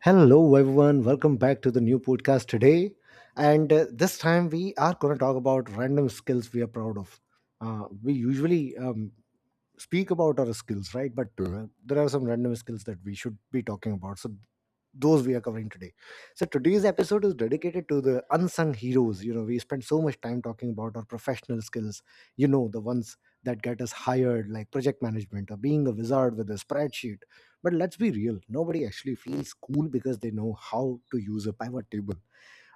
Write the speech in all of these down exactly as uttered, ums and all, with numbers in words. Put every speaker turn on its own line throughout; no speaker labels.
Hello, everyone. Welcome back to the new podcast today. And uh, this time we are going to talk about random skills we are proud of. Uh, we usually um, speak about our skills, right? But uh, there are some random skills that we should be talking about. So those we are covering today. So today's episode is dedicated to the unsung heroes. You know, we spend so much time talking about our professional skills. You know, the ones that get us hired, like project management or being a wizard with a spreadsheet. But let's be real, nobody actually feels cool because they know how to use a pivot table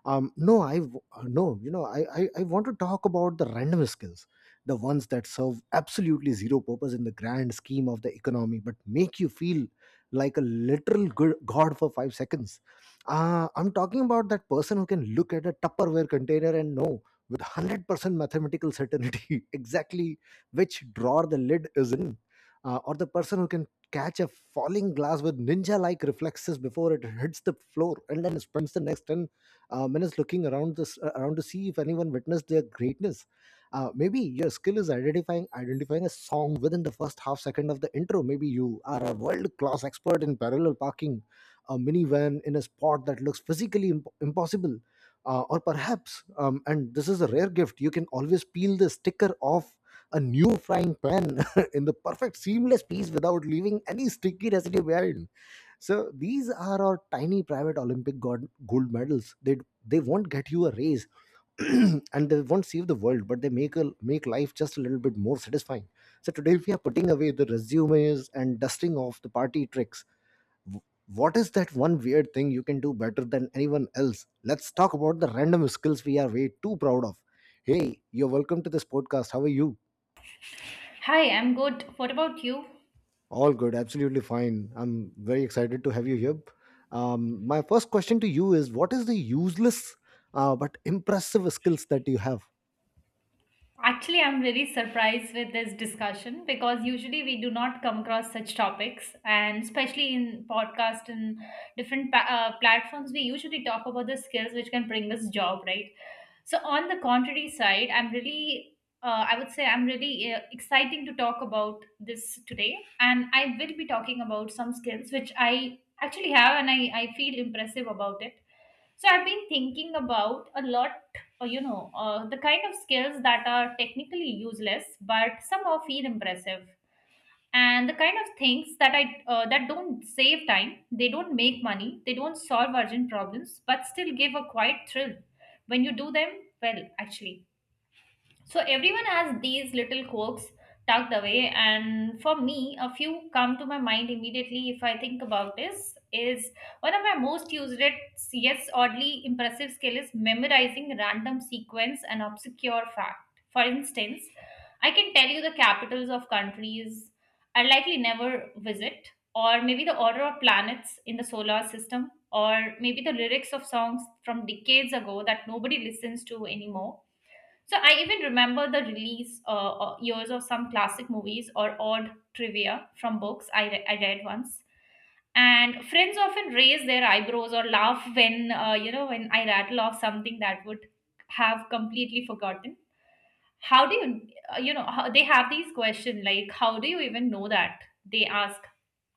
um no I w- uh, no you know I, I I want to talk about the random skills, the ones that serve absolutely zero purpose in the grand scheme of the economy but make you feel like a literal good god for five seconds. uh, I'm talking about that person who can look at a tupperware container and know with one hundred percent mathematical certainty exactly which drawer the lid is in. Uh, or the person who can catch a falling glass with ninja like reflexes before it hits the floor, and then spends the next ten uh, men is looking around this uh, around to see if anyone witnessed their greatness. Uh, maybe your skill is identifying identifying a song within the first half second of the intro. Maybe you are a world class expert in parallel parking a minivan in a spot that looks physically imp- impossible. Uh, or perhaps um, and this is a rare gift, you can always peel the sticker off a new frying pan in the perfect seamless piece without leaving any sticky residue behind. So these are our tiny private Olympic gold, gold medals. They they won't get you a raise, and they won't save the world, but they make a, make life just a little bit more satisfying. So today we are putting away the resumes and dusting off the party tricks. W- What is that one weird thing you can do better than anyone else? Let's talk about the random skills we are way too proud of. Hey, you're welcome to this podcast. How are you?
Hi, I'm good. What about you?
All good, absolutely fine. I'm very excited to have you here. Um, my first question to you is what is the useless uh, but impressive skills that you have?
Actually, I'm very surprised with this discussion because usually we do not come across such topics, and especially in podcast and different pa- uh, platforms, we usually talk about the skills which can bring us job, right? So on the contrary side, I'm really, uh, I would say, I'm really uh, exciting to talk about this today, and I will be talking about some skills which I actually have, and I I feel impressive about it. So I've been thinking about a lot. Oh, you know, uh, the kind of skills that are technically useless but somehow feel impressive, and the kind of things that I uh, that don't save time, they don't make money, they don't solve urgent problems, but still give a quiet thrill when you do them well. Actually, so everyone has these little quirks tucked away, and for me, a few come to my mind immediately if I think about this. Is one of my most used, yes, oddly impressive skill is memorizing random sequence and obscure fact. For instance, I can tell you the capitals of countries I likely never visit, or maybe the order of planets in the solar system, or maybe the lyrics of songs from decades ago that nobody listens to anymore. So I even remember the release uh, uh, years of some classic movies or odd trivia from books I, re- I read once. And friends often raise their eyebrows or laugh when uh, you know, when I rattle off something that would have completely forgotten. How do you, uh, you know, how, they have these questions like, how do you even know that, they ask,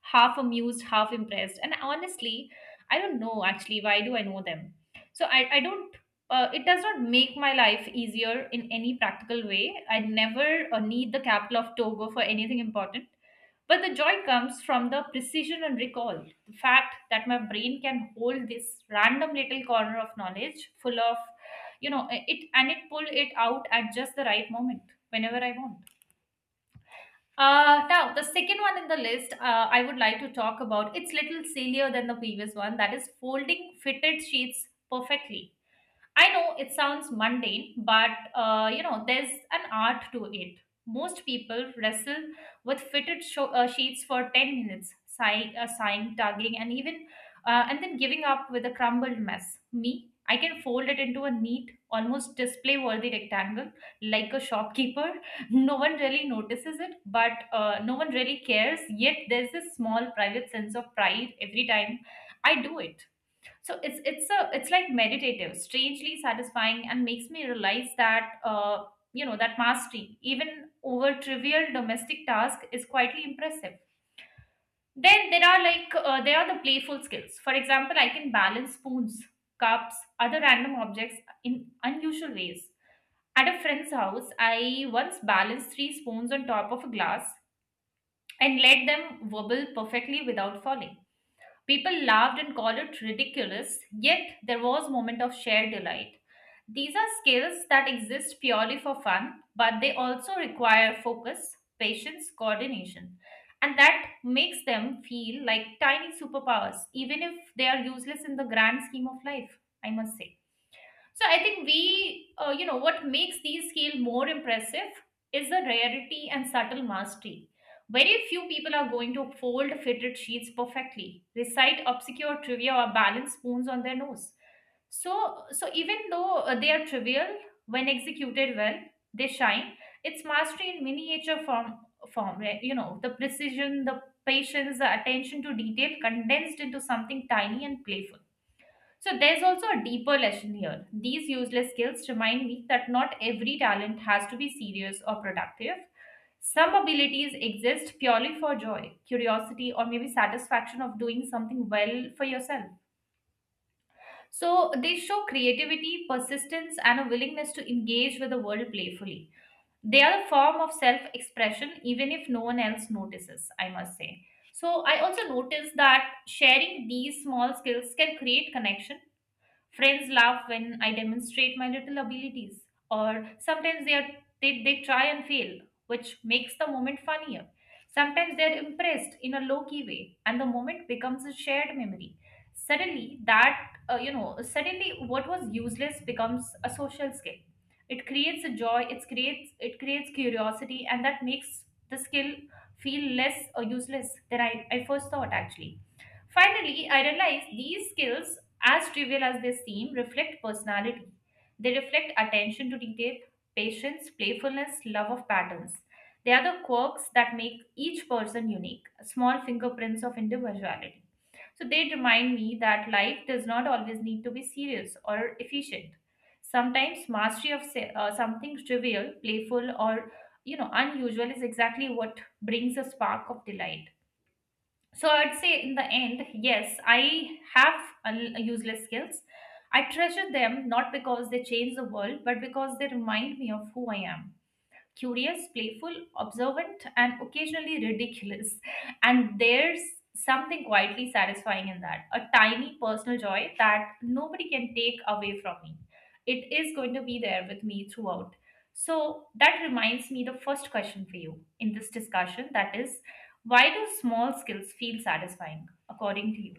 half amused, half impressed. And honestly, I don't know actually, why do I know them? so i, I don't, uh, it does not make my life easier in any practical way. I never uh, need the capital of Togo for anything important, but the joy comes from the precision and recall. The fact that my brain can hold this random little corner of knowledge full of, you know, it, and it pull it out at just the right moment whenever I want. Uh, now the second one in the list uh, I would like to talk about. It's little sillier than the previous one. That is folding fitted sheets perfectly. I know it sounds mundane, but uh, you know, there's an art to it. Most people wrestle with fitted sho- uh, sheets for ten minutes, sighing, uh, sighing, tugging, and even uh, and then giving up with a crumbled mess. Me, I can fold it into a neat, almost display-worthy rectangle, like a shopkeeper. No one really notices it, but uh, no one really cares. Yet there's this small private sense of pride every time I do it. So it's it's a it's like meditative, strangely satisfying, and makes me realize that, uh, you know, that mastery, even over trivial domestic task, is quietly impressive. Then there are like uh, there are the playful skills. For example, I can balance spoons, cups, other random objects in unusual ways. At a friend's house, I once balanced three spoons on top of a glass and let them wobble perfectly without falling. People laughed and called it ridiculous, yet there was a moment of shared delight. These are skills that exist purely for fun, but they also require focus, patience, coordination, and that makes them feel like tiny superpowers, even if they are useless in the grand scheme of life, I must say. So I think we, uh, you know, what makes these scale more impressive is the rarity and subtle mastery. Very few people are going to fold fitted sheets perfectly, recite obscure trivia, or balance spoons on their nose. So, so even though uh, they are trivial, when executed well, they shine. It's mastery in miniature form, form. right? You know, the precision, the patience, the attention to detail condensed into something tiny and playful. So there's also a deeper lesson here. These useless skills remind me that not every talent has to be serious or productive. Some abilities exist purely for joy, curiosity, or maybe satisfaction of doing something well for yourself. So they show creativity, persistence, and a willingness to engage with the world playfully. They are a form of self expression, even if no one else notices, I must say. So I also noticed that sharing these small skills can create connection. Friends laugh when I demonstrate my little abilities, or sometimes they, are, they, they try and fail, which makes the moment funnier. Sometimes they're impressed in a low key way, and the moment becomes a shared memory. Suddenly, that, uh, you know, suddenly what was useless becomes a social skill. It creates a joy, it creates, it creates curiosity, and that makes the skill feel less uh, useless than I, I first thought actually. Finally, I realized these skills, as trivial as they seem, reflect personality. They reflect attention to detail, patience, playfulness, love of patterns. They are the quirks that make each person unique, small fingerprints of individuality. So they remind me that life does not always need to be serious or efficient. Sometimes mastery of se- uh, something trivial, playful, or you know, unusual is exactly what brings a spark of delight. So I'd say in the end, yes, i have un- useless skills. I treasure them not because they change the world, but because they remind me of who I am: curious, playful, observant, and occasionally ridiculous. And there's something quietly satisfying in that, a tiny personal joy that nobody can take away from me. It is going to be there with me throughout. So that reminds me the first question for you in this discussion, that is, why do small skills feel satisfying according to you?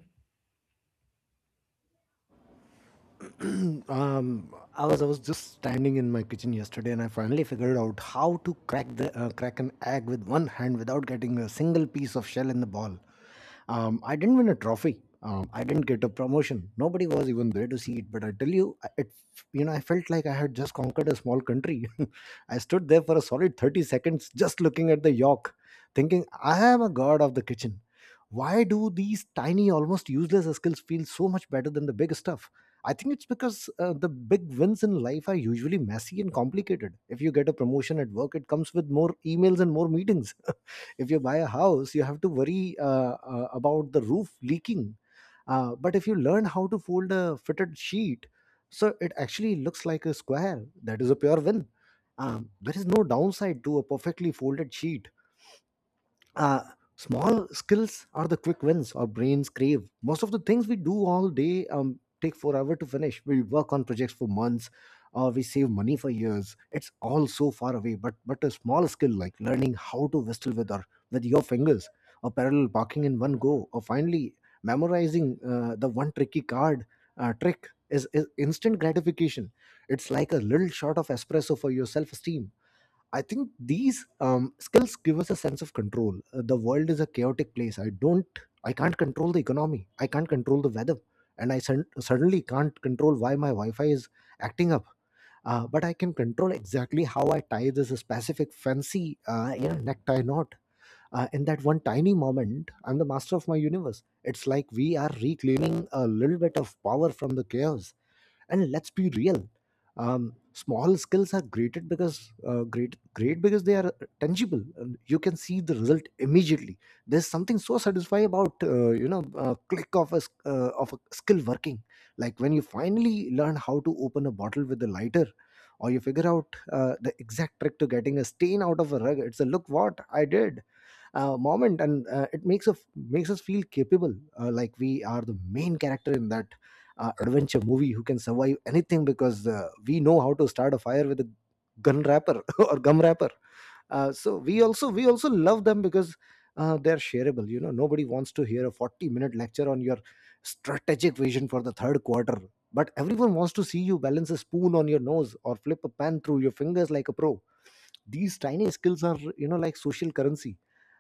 um, I was I was just standing in my kitchen yesterday, and I finally figured out how to crack the uh, crack an egg with one hand without getting a single piece of shell in the ball. Um, I didn't win a trophy. Um, I didn't get a promotion. Nobody was even there to see it. But I tell you, I- it you know I felt like I had just conquered a small country. I stood there for a solid thirty seconds, just looking at the yolk, thinking I am a god of the kitchen. Why do these tiny, almost useless skills feel so much better than the big stuff? I think it's because uh, the big wins in life are usually messy and complicated. If you get a promotion at work, it comes with more emails and more meetings. If you buy a house, you have to worry uh, uh, about the roof leaking. Uh, but if you learn how to fold a fitted sheet so it actually looks like a square, that is a pure win. Um, there is no downside to a perfectly folded sheet. uh, Small skills are the quick wins our brains crave. Most of the things we do all day um, take forever to finish. We work on projects for months, or we save money for years. It's all so far away. But but a small skill like learning how to whistle with our with your fingers, or parallel parking in one go, or finally memorizing uh, the one tricky card uh, trick is, is instant gratification. It's like a little shot of espresso for your self esteem. I think these um, skills give us a sense of control. Uh, the world is a chaotic place. I don't, I can't control the economy. I can't control the weather, and I sen- suddenly can't control why my Wi-Fi is acting up. Uh, but I can control exactly how I tie this specific fancy, uh, you know, necktie knot. Uh, in that one tiny moment, I'm the master of my universe. It's like we are reclaiming a little bit of power from the chaos. And let's be real, um, small skills are great because uh, great great because they are tangible, and you can see the result immediately. There's something so satisfying about, uh, you know uh, click of a s- uh, of a skill working, like when you finally learn how to open a bottle with a lighter, or you figure out uh, the exact trick to getting a stain out of a rug. It's a look what I did uh, moment, and uh, it makes us makes us feel capable, uh, like we are the main character in that uh, adventure movie who can survive anything because uh, we know how to start a fire with a gun wrapper or gum wrapper. Uh, so we also we also love them because uh, they're shareable. You know, nobody wants to hear a forty minute lecture on your strategic vision for the third quarter, but everyone wants to see you balance a spoon on your nose or flip a pan through your fingers like a pro. These tiny skills are, you know, like social currency.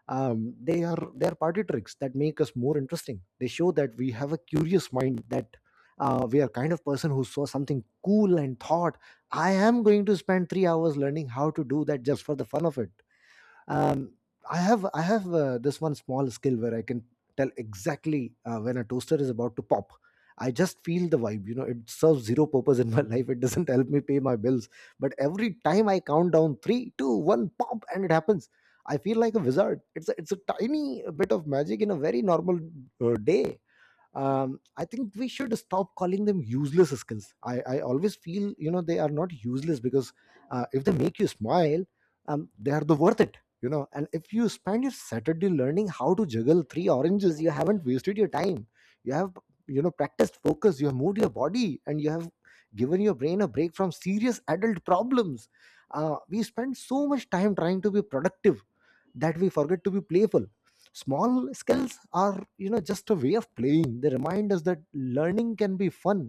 Um, they are they are party tricks that make us more interesting. They show that we have a curious mind, that uh, we are kind of person who saw something cool and thought, I am going to spend three hours learning how to do that just for the fun of it. Um, i have i have uh, this one small skill where I can tell exactly uh, when a toaster is about to pop. I just feel the vibe. You know, it serves zero purpose in my life. It doesn't help me pay my bills, but every time I count down three two one pop and it happens, I feel like a wizard. It's a, it's a tiny bit of magic in a very normal uh, day. um, I think we should stop calling them useless skills. I, I always feel, you know, they are not useless because uh, if they make you smile, um, they are the worth it. You know, and if you spend your Saturday learning how to juggle three oranges, you haven't wasted your time. You have, you know, practiced focus. You have moved your body, and you have given your brain a break from serious adult problems. Uh, we spend so much time trying to be productive that we forget to be playful. Small skills are, you know, just a way of playing. They remind us that learning can be fun,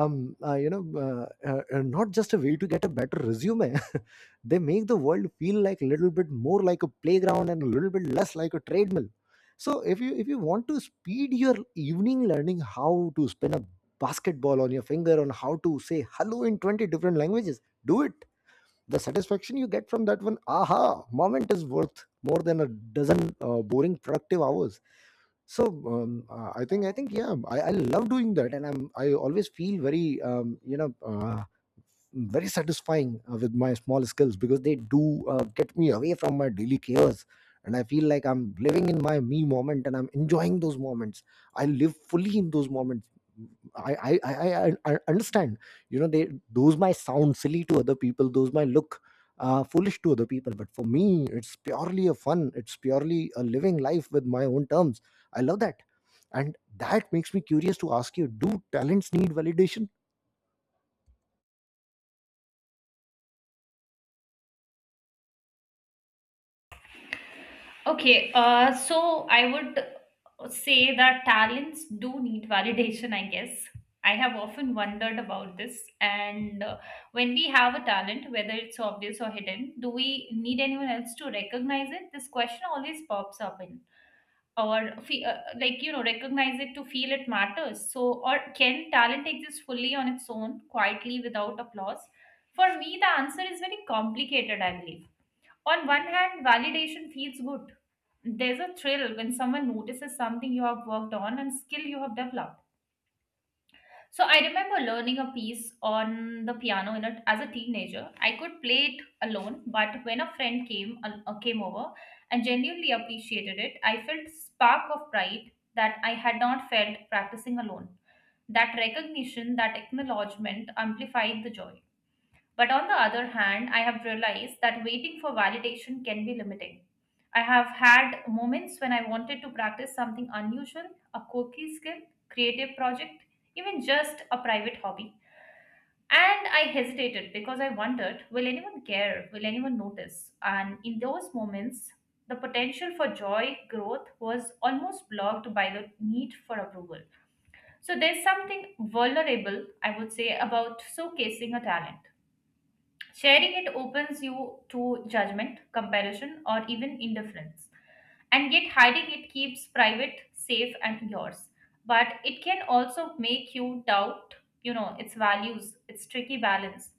um uh, you know uh, uh, uh, not just a way to get a better resume. They make the world feel like a little bit more like a playground and a little bit less like a treadmill. So if you if you want to speed your evening learning how to spin a basketball on your finger, on how to say hello in twenty different languages, do it. The satisfaction you get from that one aha moment is worth more than a dozen uh, boring productive hours. So um, uh, I think I think, yeah, I, I love doing that, and I'm I always feel very, um, you know uh, very satisfying uh, with my small skills because they do uh, get me away from my daily chaos, and I feel like I'm living in my me moment, and I'm enjoying those moments. I live fully in those moments. I, I i i I- understand, you know, they those might sound silly to other people, those might look uh, foolish to other people, but for me it's purely a fun. It's purely a living life with my own terms. I love that. And that makes me curious to ask you, do talents need validation?
Okay, uh, so I would say that talents do need validation, I guess. I have often wondered about this. And uh, when we have a talent, whether it's obvious or hidden, do we need anyone else to recognize it? This question always pops up in. Or, fe- uh, like, you know, recognize it to feel it matters. So, or can talent exist fully on its own, quietly, without applause? For me, the answer is very complicated, I believe. On one hand, validation feels good. There's a thrill when someone notices something you have worked on and skill you have developed. So I remember learning a piece on the piano in a, as a teenager. I could play it alone, but when a friend came al- uh, came over and genuinely appreciated it, I felt spark of pride that I had not felt practicing alone. That recognition, that acknowledgement amplified the joy. But on the other hand, I have realized that waiting for validation can be limiting. I have had moments when I wanted to practice something unusual, a quirky skill, creative project, even just a private hobby. And I hesitated because I wondered, will anyone care? Will anyone notice? And in those moments, the potential for joy, growth was almost blocked by the need for approval. So there's something vulnerable, I would say, about showcasing a talent. Sharing it opens you to judgment, comparison, or even indifference. And yet, hiding it keeps private, safe, and yours. But it can also make you doubt, you know, its values, its tricky balance.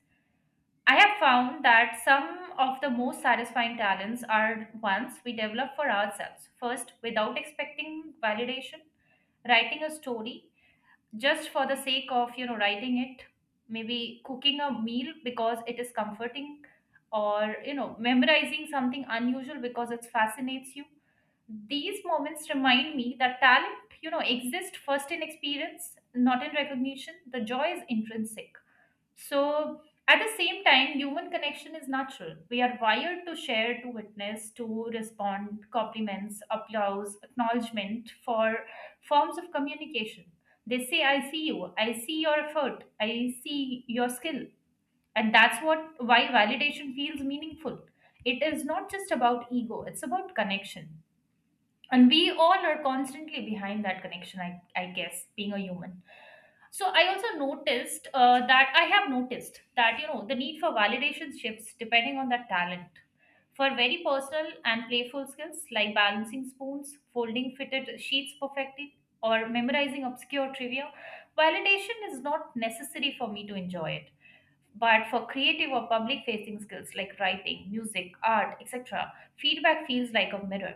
I have found that some of the most satisfying talents are ones we develop for ourselves. First, without expecting validation, writing a story just for the sake of, you know, writing it, maybe cooking a meal because it is comforting, or you know, memorizing something unusual because it fascinates you. These moments remind me that talent, you know, exists first in experience, not in recognition. The joy is intrinsic. So at the same time, human connection is natural. We are wired to share, to witness, to respond. Compliments, applause, acknowledgement for forms of communication, they say, I see you, I see your effort, I see your skill. And that's what why validation feels meaningful. It is not just about ego, it's about connection. And we all are constantly behind that connection, i, I guess, being a human. So I also noticed uh, that I have noticed that, you know, the need for validation shifts depending on the talent. For very personal and playful skills like balancing spoons, folding fitted sheets perfectly, or memorizing obscure trivia, validation is not necessary for me to enjoy it. But for creative or public facing skills like writing, music, art, et cetera, feedback feels like a mirror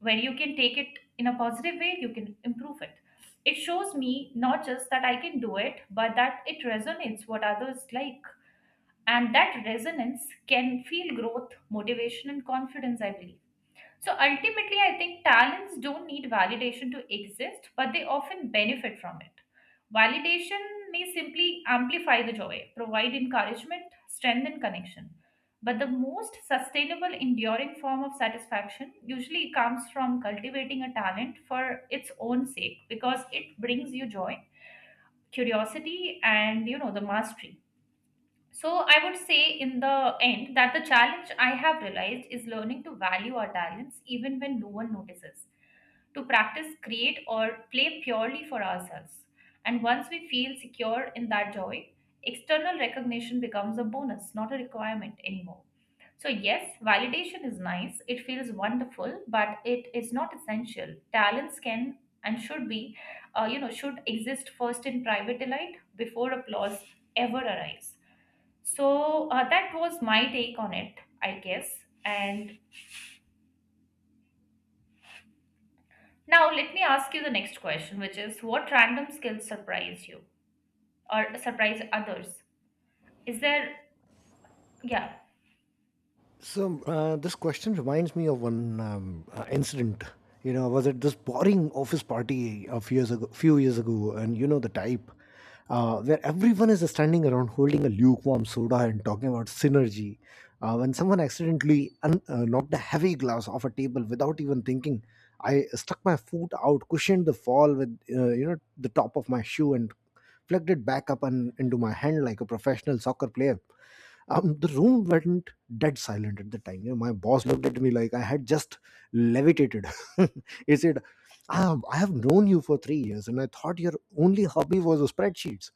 where you can take it in a positive way, you can improve it. It shows me not just that I can do it, but that it resonates what others like. And that resonance can feel growth, motivation, and confidence, I believe. So ultimately, I think talents don't need validation to exist, but they often benefit from it. Validation may simply amplify the joy, provide encouragement, strengthen connection. But the most sustainable, enduring form of satisfaction usually comes from cultivating a talent for its own sake because it brings you joy, curiosity, and you know the mastery. So I would say in the end that the challenge I have realized is learning to value our talents even when no one notices, to practice, create, or play purely for ourselves. And once we feel secure in that joy, external recognition becomes a bonus, not a requirement anymore. So, yes, validation is nice, it feels wonderful, but it is not essential. Talents can and should be, uh, you know, should exist first in private delight before applause ever arrives. So uh, that was my take on it, I guess. And now let me ask you the next question, which is, what random skills surprise you or surprise others? Is there, yeah.
So uh, this question reminds me of one um, uh, incident. You know, I was at this boring office party a few years ago, few years ago, and you know the type, uh, where everyone is standing around holding a lukewarm soda and talking about synergy. Uh, when someone accidentally un- uh, knocked a heavy glass off a table without even thinking, I stuck my foot out, cushioned the fall with, uh, you know the top of my shoe, and flicked it back up and into my hand like a professional soccer player. Um, the room went dead silent at the time. You know, my boss looked at me like I had just levitated. He said, "Ah, I have known you for three years, and I thought your only hobby was spreadsheets.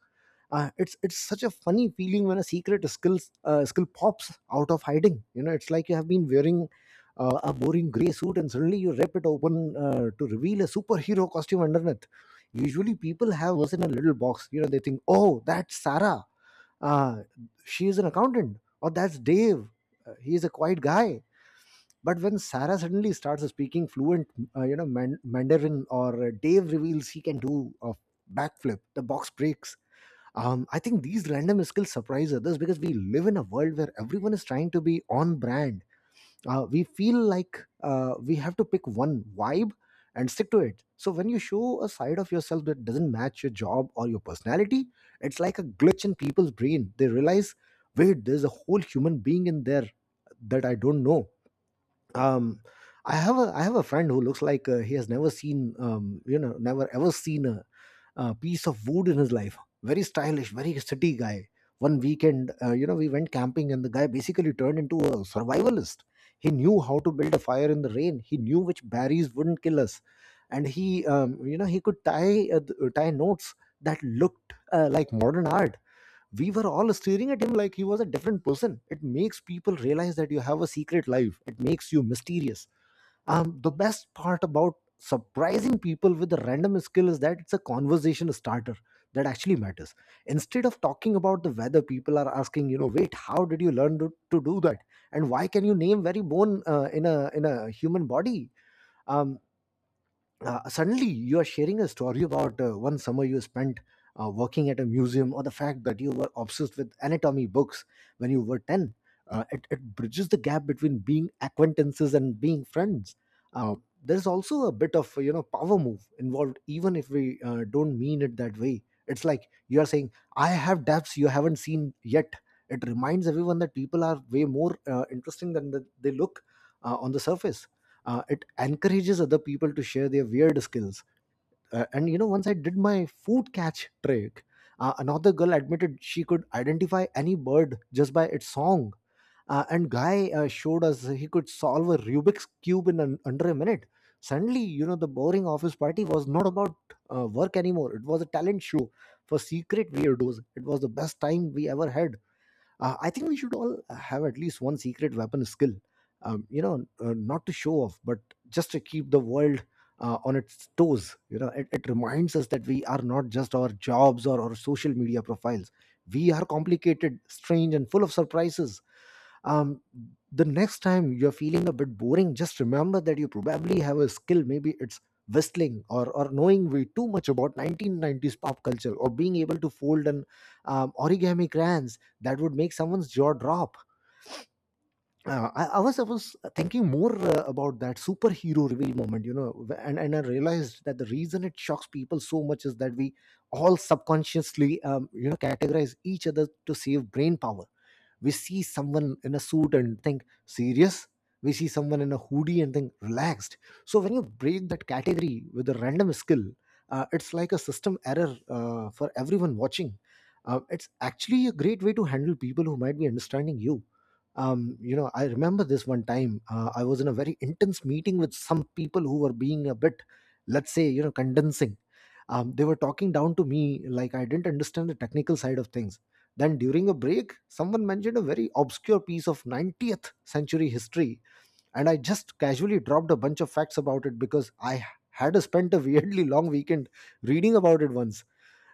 Uh, it's it's such a funny feeling when a secret skill uh, skill pops out of hiding. You know, it's like you have been wearing uh, a boring gray suit, and suddenly you rip it open uh, to reveal a superhero costume underneath. Usually, people have us in a little box. You know, they think, "Oh, that's Sarah." uh, she is an accountant, or that's Dave. Uh, he is a quiet guy, but when Sarah suddenly starts speaking fluent uh, you know man- Mandarin, or uh, Dave reveals he can do a backflip, the box breaks. um, I think these random skills surprise others because we live in a world where everyone is trying to be on brand. Uh, we feel like uh, we have to pick one vibe and stick to it. So when you show a side of yourself that doesn't match your job or your personality, it's like a glitch in people's brain. They realize, wait, there's a whole human being in there that I don't know. Um, I have a I have a friend who looks like uh, he has never seen, um, you know never ever seen a uh, piece of wood in his life. Very stylish, very city guy. One weekend, uh, you know, we went camping, and the guy basically turned into a survivalist. He knew how to build a fire in the rain. He knew which berries wouldn't kill us, and he, um, you know, he could tie uh, th- tie notes that looked uh, like modern art. We were all staring at him like he was a different person. It makes people realize that you have a secret life. It makes you mysterious. Um, the best part about surprising people with a random skill is that it's a conversation starter that actually matters. Instead of talking about the weather, people are asking, you know, wait, how did you learn to, to do that? And why can you name very bone uh, in a in a human body? Um, uh, Suddenly you are sharing a story about uh, one summer you spent uh, working at a museum, or the fact that you were obsessed with anatomy books when you were ten. Uh, it, it bridges the gap between being acquaintances and being friends. uh, there's also a bit of, you know, power move involved, even if we uh, don't mean it that way. It's like you are saying, I have depths you haven't seen yet. It reminds everyone that people are way more uh, interesting than the, they look uh, on the surface. Uh, it encourages other people to share their weird skills. Uh, and you know, once I did my food catch trick, uh, another girl admitted she could identify any bird just by its song, uh, and guy uh, showed us he could solve a Rubik's cube in an, under a minute. Suddenly, you know, the boring office party was not about uh, work anymore. It was a talent show for secret weirdos. It was the best time we ever had. uh, I think we should all have at least one secret weapon skill. Um, you know, uh, not to show off, but just to keep the world uh, on its toes. You know, it, it reminds us that we are not just our jobs or our social media profiles. We are complicated, strange, and full of surprises. um the next time you're feeling a bit boring, just remember that you probably have a skill. Maybe it's whistling, or or knowing way too much about nineteen nineties pop culture, or being able to fold an um, origami crayons that would make someone's jaw drop. uh, I, I was I was thinking more uh, about that superhero reveal moment, you know, wh- and and I realized that the reason it shocks people so much is that we all subconsciously, um, you know, categorize each other to save brain power. We see someone in a suit and think serious. We see someone in a hoodie and think relaxed. So when you break that category with a random skill, uh, it's like a system error uh, for everyone watching. Uh, it's actually a great way to handle people who might be understanding you. Um, you know I remember this one time, uh, I was in a very intense meeting with some people who were being a bit, let's say, you know, condensing. Um, they were talking down to me like I didn't understand the technical side of things. Then during a break, someone mentioned a very obscure piece of ninetieth century history, and I just casually dropped a bunch of facts about it because I had spent a weirdly long weekend reading about it once.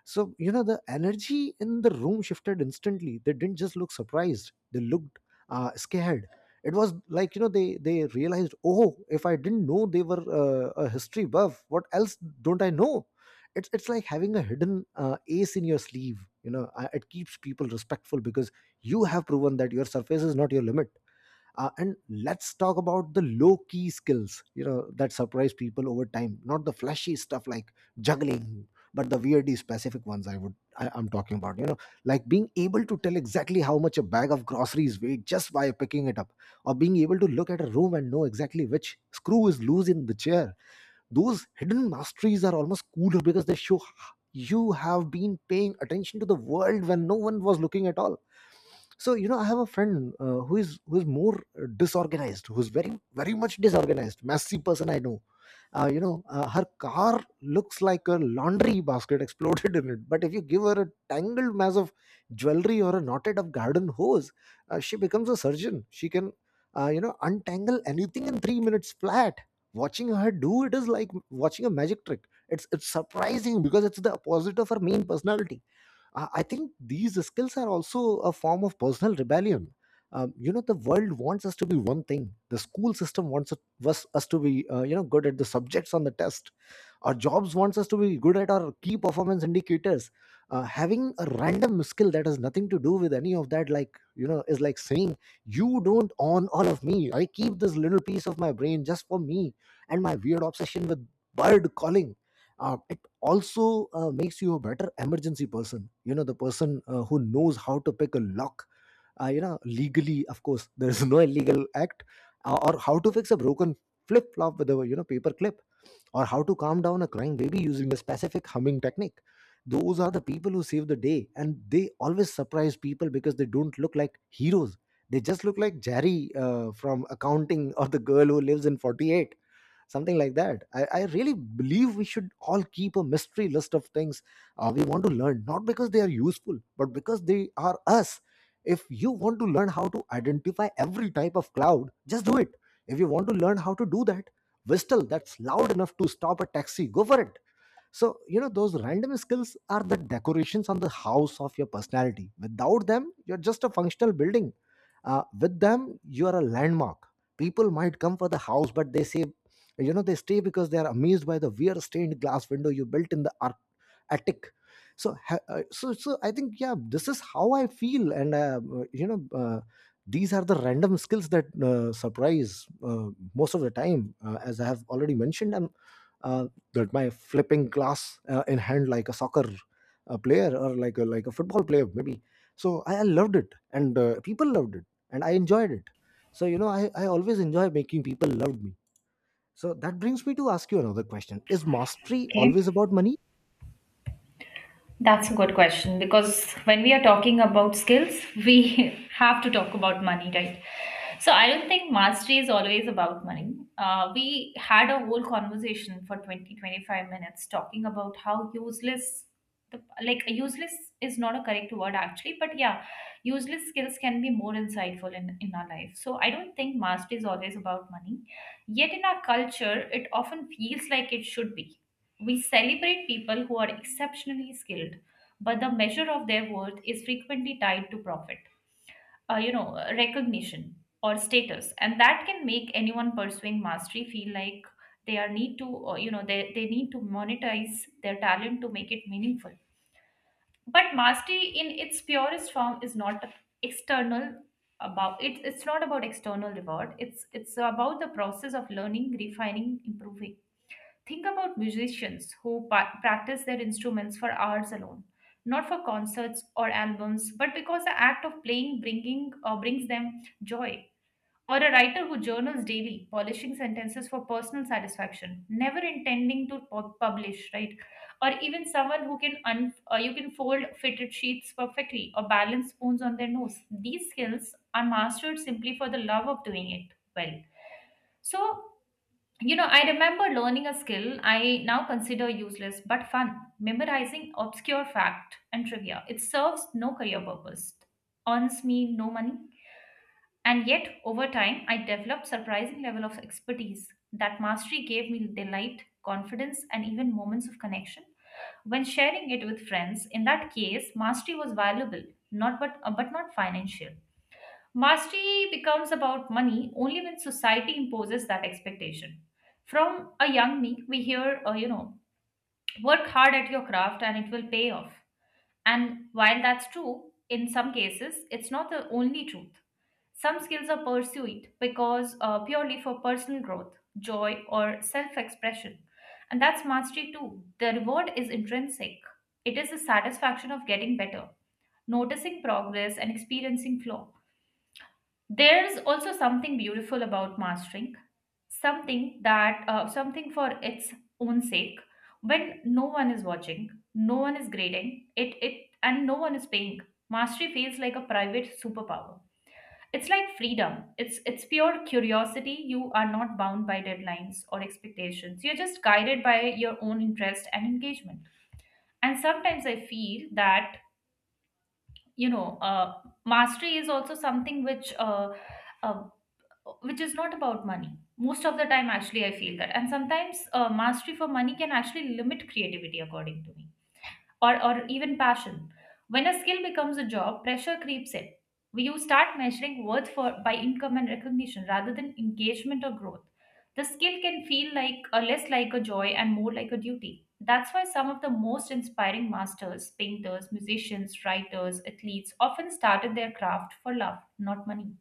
So, you know, the energy in the room shifted instantly. They didn't just look surprised, they looked uh, scared. It was like, you know, they, they realized, oh, if I didn't know they were uh, a history buff, what else don't I know? It's, it's like having a hidden uh, ace in your sleeve. You know, Uh, it keeps people respectful because you have proven that your surface is not your limit. Uh, and let's talk about the low key skills, you know, that surprise people over time, not the flashy stuff like juggling, but the weirdly specific ones. i would I, I'm talking about, you know, like being able to tell exactly how much a bag of groceries weighed just by picking it up, or being able to look at a room and know exactly which screw is loose in the chair. Those hidden masteries are almost cooler because they show you have been paying attention to the world when no one was looking at all. So, you know, I have a friend uh, who is who is more uh, disorganized, who's very very much disorganized, messy person I know. Uh, you know uh, her car looks like a laundry basket exploded in it. But if you give her a tangled mass of jewelry or a knotted up garden hose, uh, she becomes a surgeon. She can uh, you know untangle anything in three minutes flat. Watching her do it is like watching a magic trick. It's it's surprising because it's the opposite of her main personality. I I think these skills are also a form of personal rebellion. Um, you know, the world wants us to be one thing. The school system wants us was us to be, uh, you know, good at the subjects on the test. Our jobs wants us to be good at our key performance indicators. Uh, having a random skill that has nothing to do with any of that, like, you know, is like saying, you don't own all of me. I keep this little piece of my brain just for me and my weird obsession with bird calling. Uh, it also uh, makes you a better emergency person. You know, the person uh, who knows how to pick a lock, uh, you know legally, of course, there is no illegal act, uh, or how to fix a broken flip flop with a, you know, paper clip, or how to calm down a crying baby using a specific humming technique. Those are the people who save the day, and they always surprise people because they don't look like heroes. They just look like Jerry uh, from accounting, or the girl who lives in forty-eight, something like that. I, I really believe we should all keep a mystery list of things uh, we want to learn, not because they are useful, but because they are us. If you want to learn how to identify every type of cloud, just do it. If you want to learn how to do that whistle that's loud enough to stop a taxi, go for it. So, you know, those random skills are the decorations on the house of your personality. Without them, you're just a functional building. Uh, with them, you are a landmark. People might come for the house, but they say, you know, they stay because they are amazed by the weird stained glass window you built in the attic. So ha- uh, so so I think, yeah, this is how I feel. And uh, you know uh, these are the random skills that uh, surprise uh, most of the time. Uh, as I have already mentioned, I'm uh, that my flipping glass uh, in hand like a soccer uh, player, or like a, like a football player maybe. so i, I loved it, and uh, people loved it, and I enjoyed it. So, you know, I, I always enjoy making people love me. So that brings me to ask you another question: is mastery
Okay.
always about money?
That's a good question because when we are talking about skills, we have to talk about money, right? So I don't think mastery is always about money. Uh, we had a whole conversation for twenty twenty five minutes talking about how useless the like useless is not a correct word actually, but yeah, useless skills can be more insightful in, in our life. So I don't think mastery is always about money. Yet in our culture, it often feels like it should be. We celebrate people who are exceptionally skilled, but the measure of their worth is frequently tied to profit, uh, you know, uh, recognition or status, and that can make anyone pursuing mastery feel like they are need to, uh, you know, they, they need to monetize their talent to make it meaningful. But mastery in its purest form is not external about it, it's not about external reward. It's it's about the process of learning, refining, improving. Think about musicians who pa- practice their instruments for hours alone, not for concerts or albums, but because the act of playing bringing uh, brings them joy. Or a writer who journals daily, polishing sentences for personal satisfaction, never intending to pu- publish, right? Or even someone who can un- uh, you can fold fitted sheets perfectly or balance spoons on their nose. These skills are mastered simply for the love of doing it well. So you know, I remember learning a skill I now consider useless but fun, memorizing obscure fact and trivia. It serves no career purpose, earns me no money, and yet over time I developed surprising level of expertise. That mastery gave me delight, confidence, and even moments of connection when sharing it with friends. In that case, mastery was valuable, not but uh, but not financial. Mastery becomes about money only when society imposes that expectation. From a young me, we hear, uh, you know, work hard at your craft and it will pay off. And while that's true, in some cases, it's not the only truth. Some skills are pursued because uh, purely for personal growth, joy, or self expression. And that's mastery too. The reward is intrinsic, it is the satisfaction of getting better, noticing progress, and experiencing flow. There's also something beautiful about mastering something that uh, something for its own sake, when no one is watching, no one is grading it, it and no one is paying. Mastery feels like a private superpower. It's like freedom. It's it's pure curiosity. You are not bound by deadlines or expectations. You're just guided by your own interest and engagement. And sometimes I feel that you know uh, mastery is also something which. Uh, um, which is not about money. Most of the time, actually, I feel that. And sometimes uh, mastery for money can actually limit creativity, according to me, or, or even passion. When a skill becomes a job, pressure creeps in. We You start measuring worth for by income and recognition rather than engagement or growth. The skill can feel like uh, less like a joy and more like a duty. That's why some of the most inspiring masters, painters, musicians, writers, athletes often started their craft for love, not money.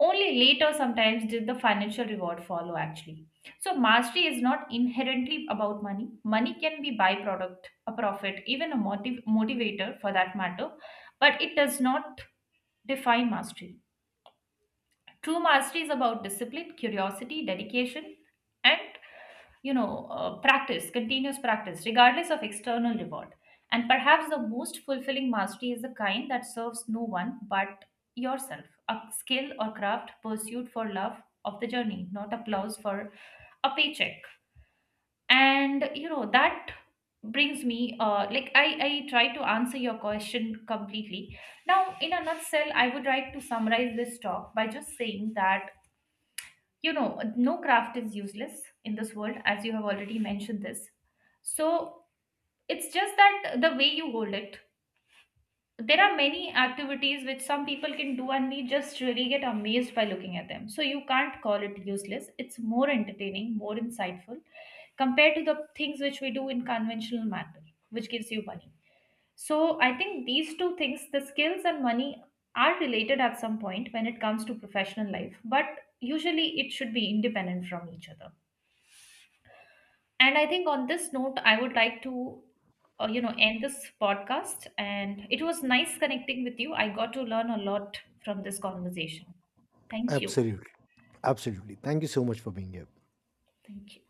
Only later, sometimes, did the financial reward follow actually. So, mastery is not inherently about money. Money can be byproduct, a profit, even a motiv- motivator for that matter, but it does not define mastery. True mastery is about discipline, curiosity, dedication, and you know, uh, practice, continuous practice, regardless of external reward. And perhaps the most fulfilling mastery is the kind that serves no one but yourself, a skill or craft pursued for love of the journey, not applause for a paycheck. And, you know, that brings me, uh, like, I, I try to answer your question completely. Now, in a nutshell, I would like to summarize this talk by just saying that, you know, no craft is useless in this world, as you have already mentioned this. So it's just that the way you hold it, there are many activities which some people can do and we just really get amazed by looking at them, so you can't call it useless. It's more entertaining, more insightful compared to the things which we do in conventional manner, which gives you money. So I think these two things, the skills and money, are related at some point when it comes to professional life, but usually it should be independent from each other. And I think on this note, I would like to, uh, you know, end this podcast. And it was nice connecting with you. I got to learn a lot from this conversation. Thank you.
Absolutely. Absolutely. Thank you so much for being here.
Thank you.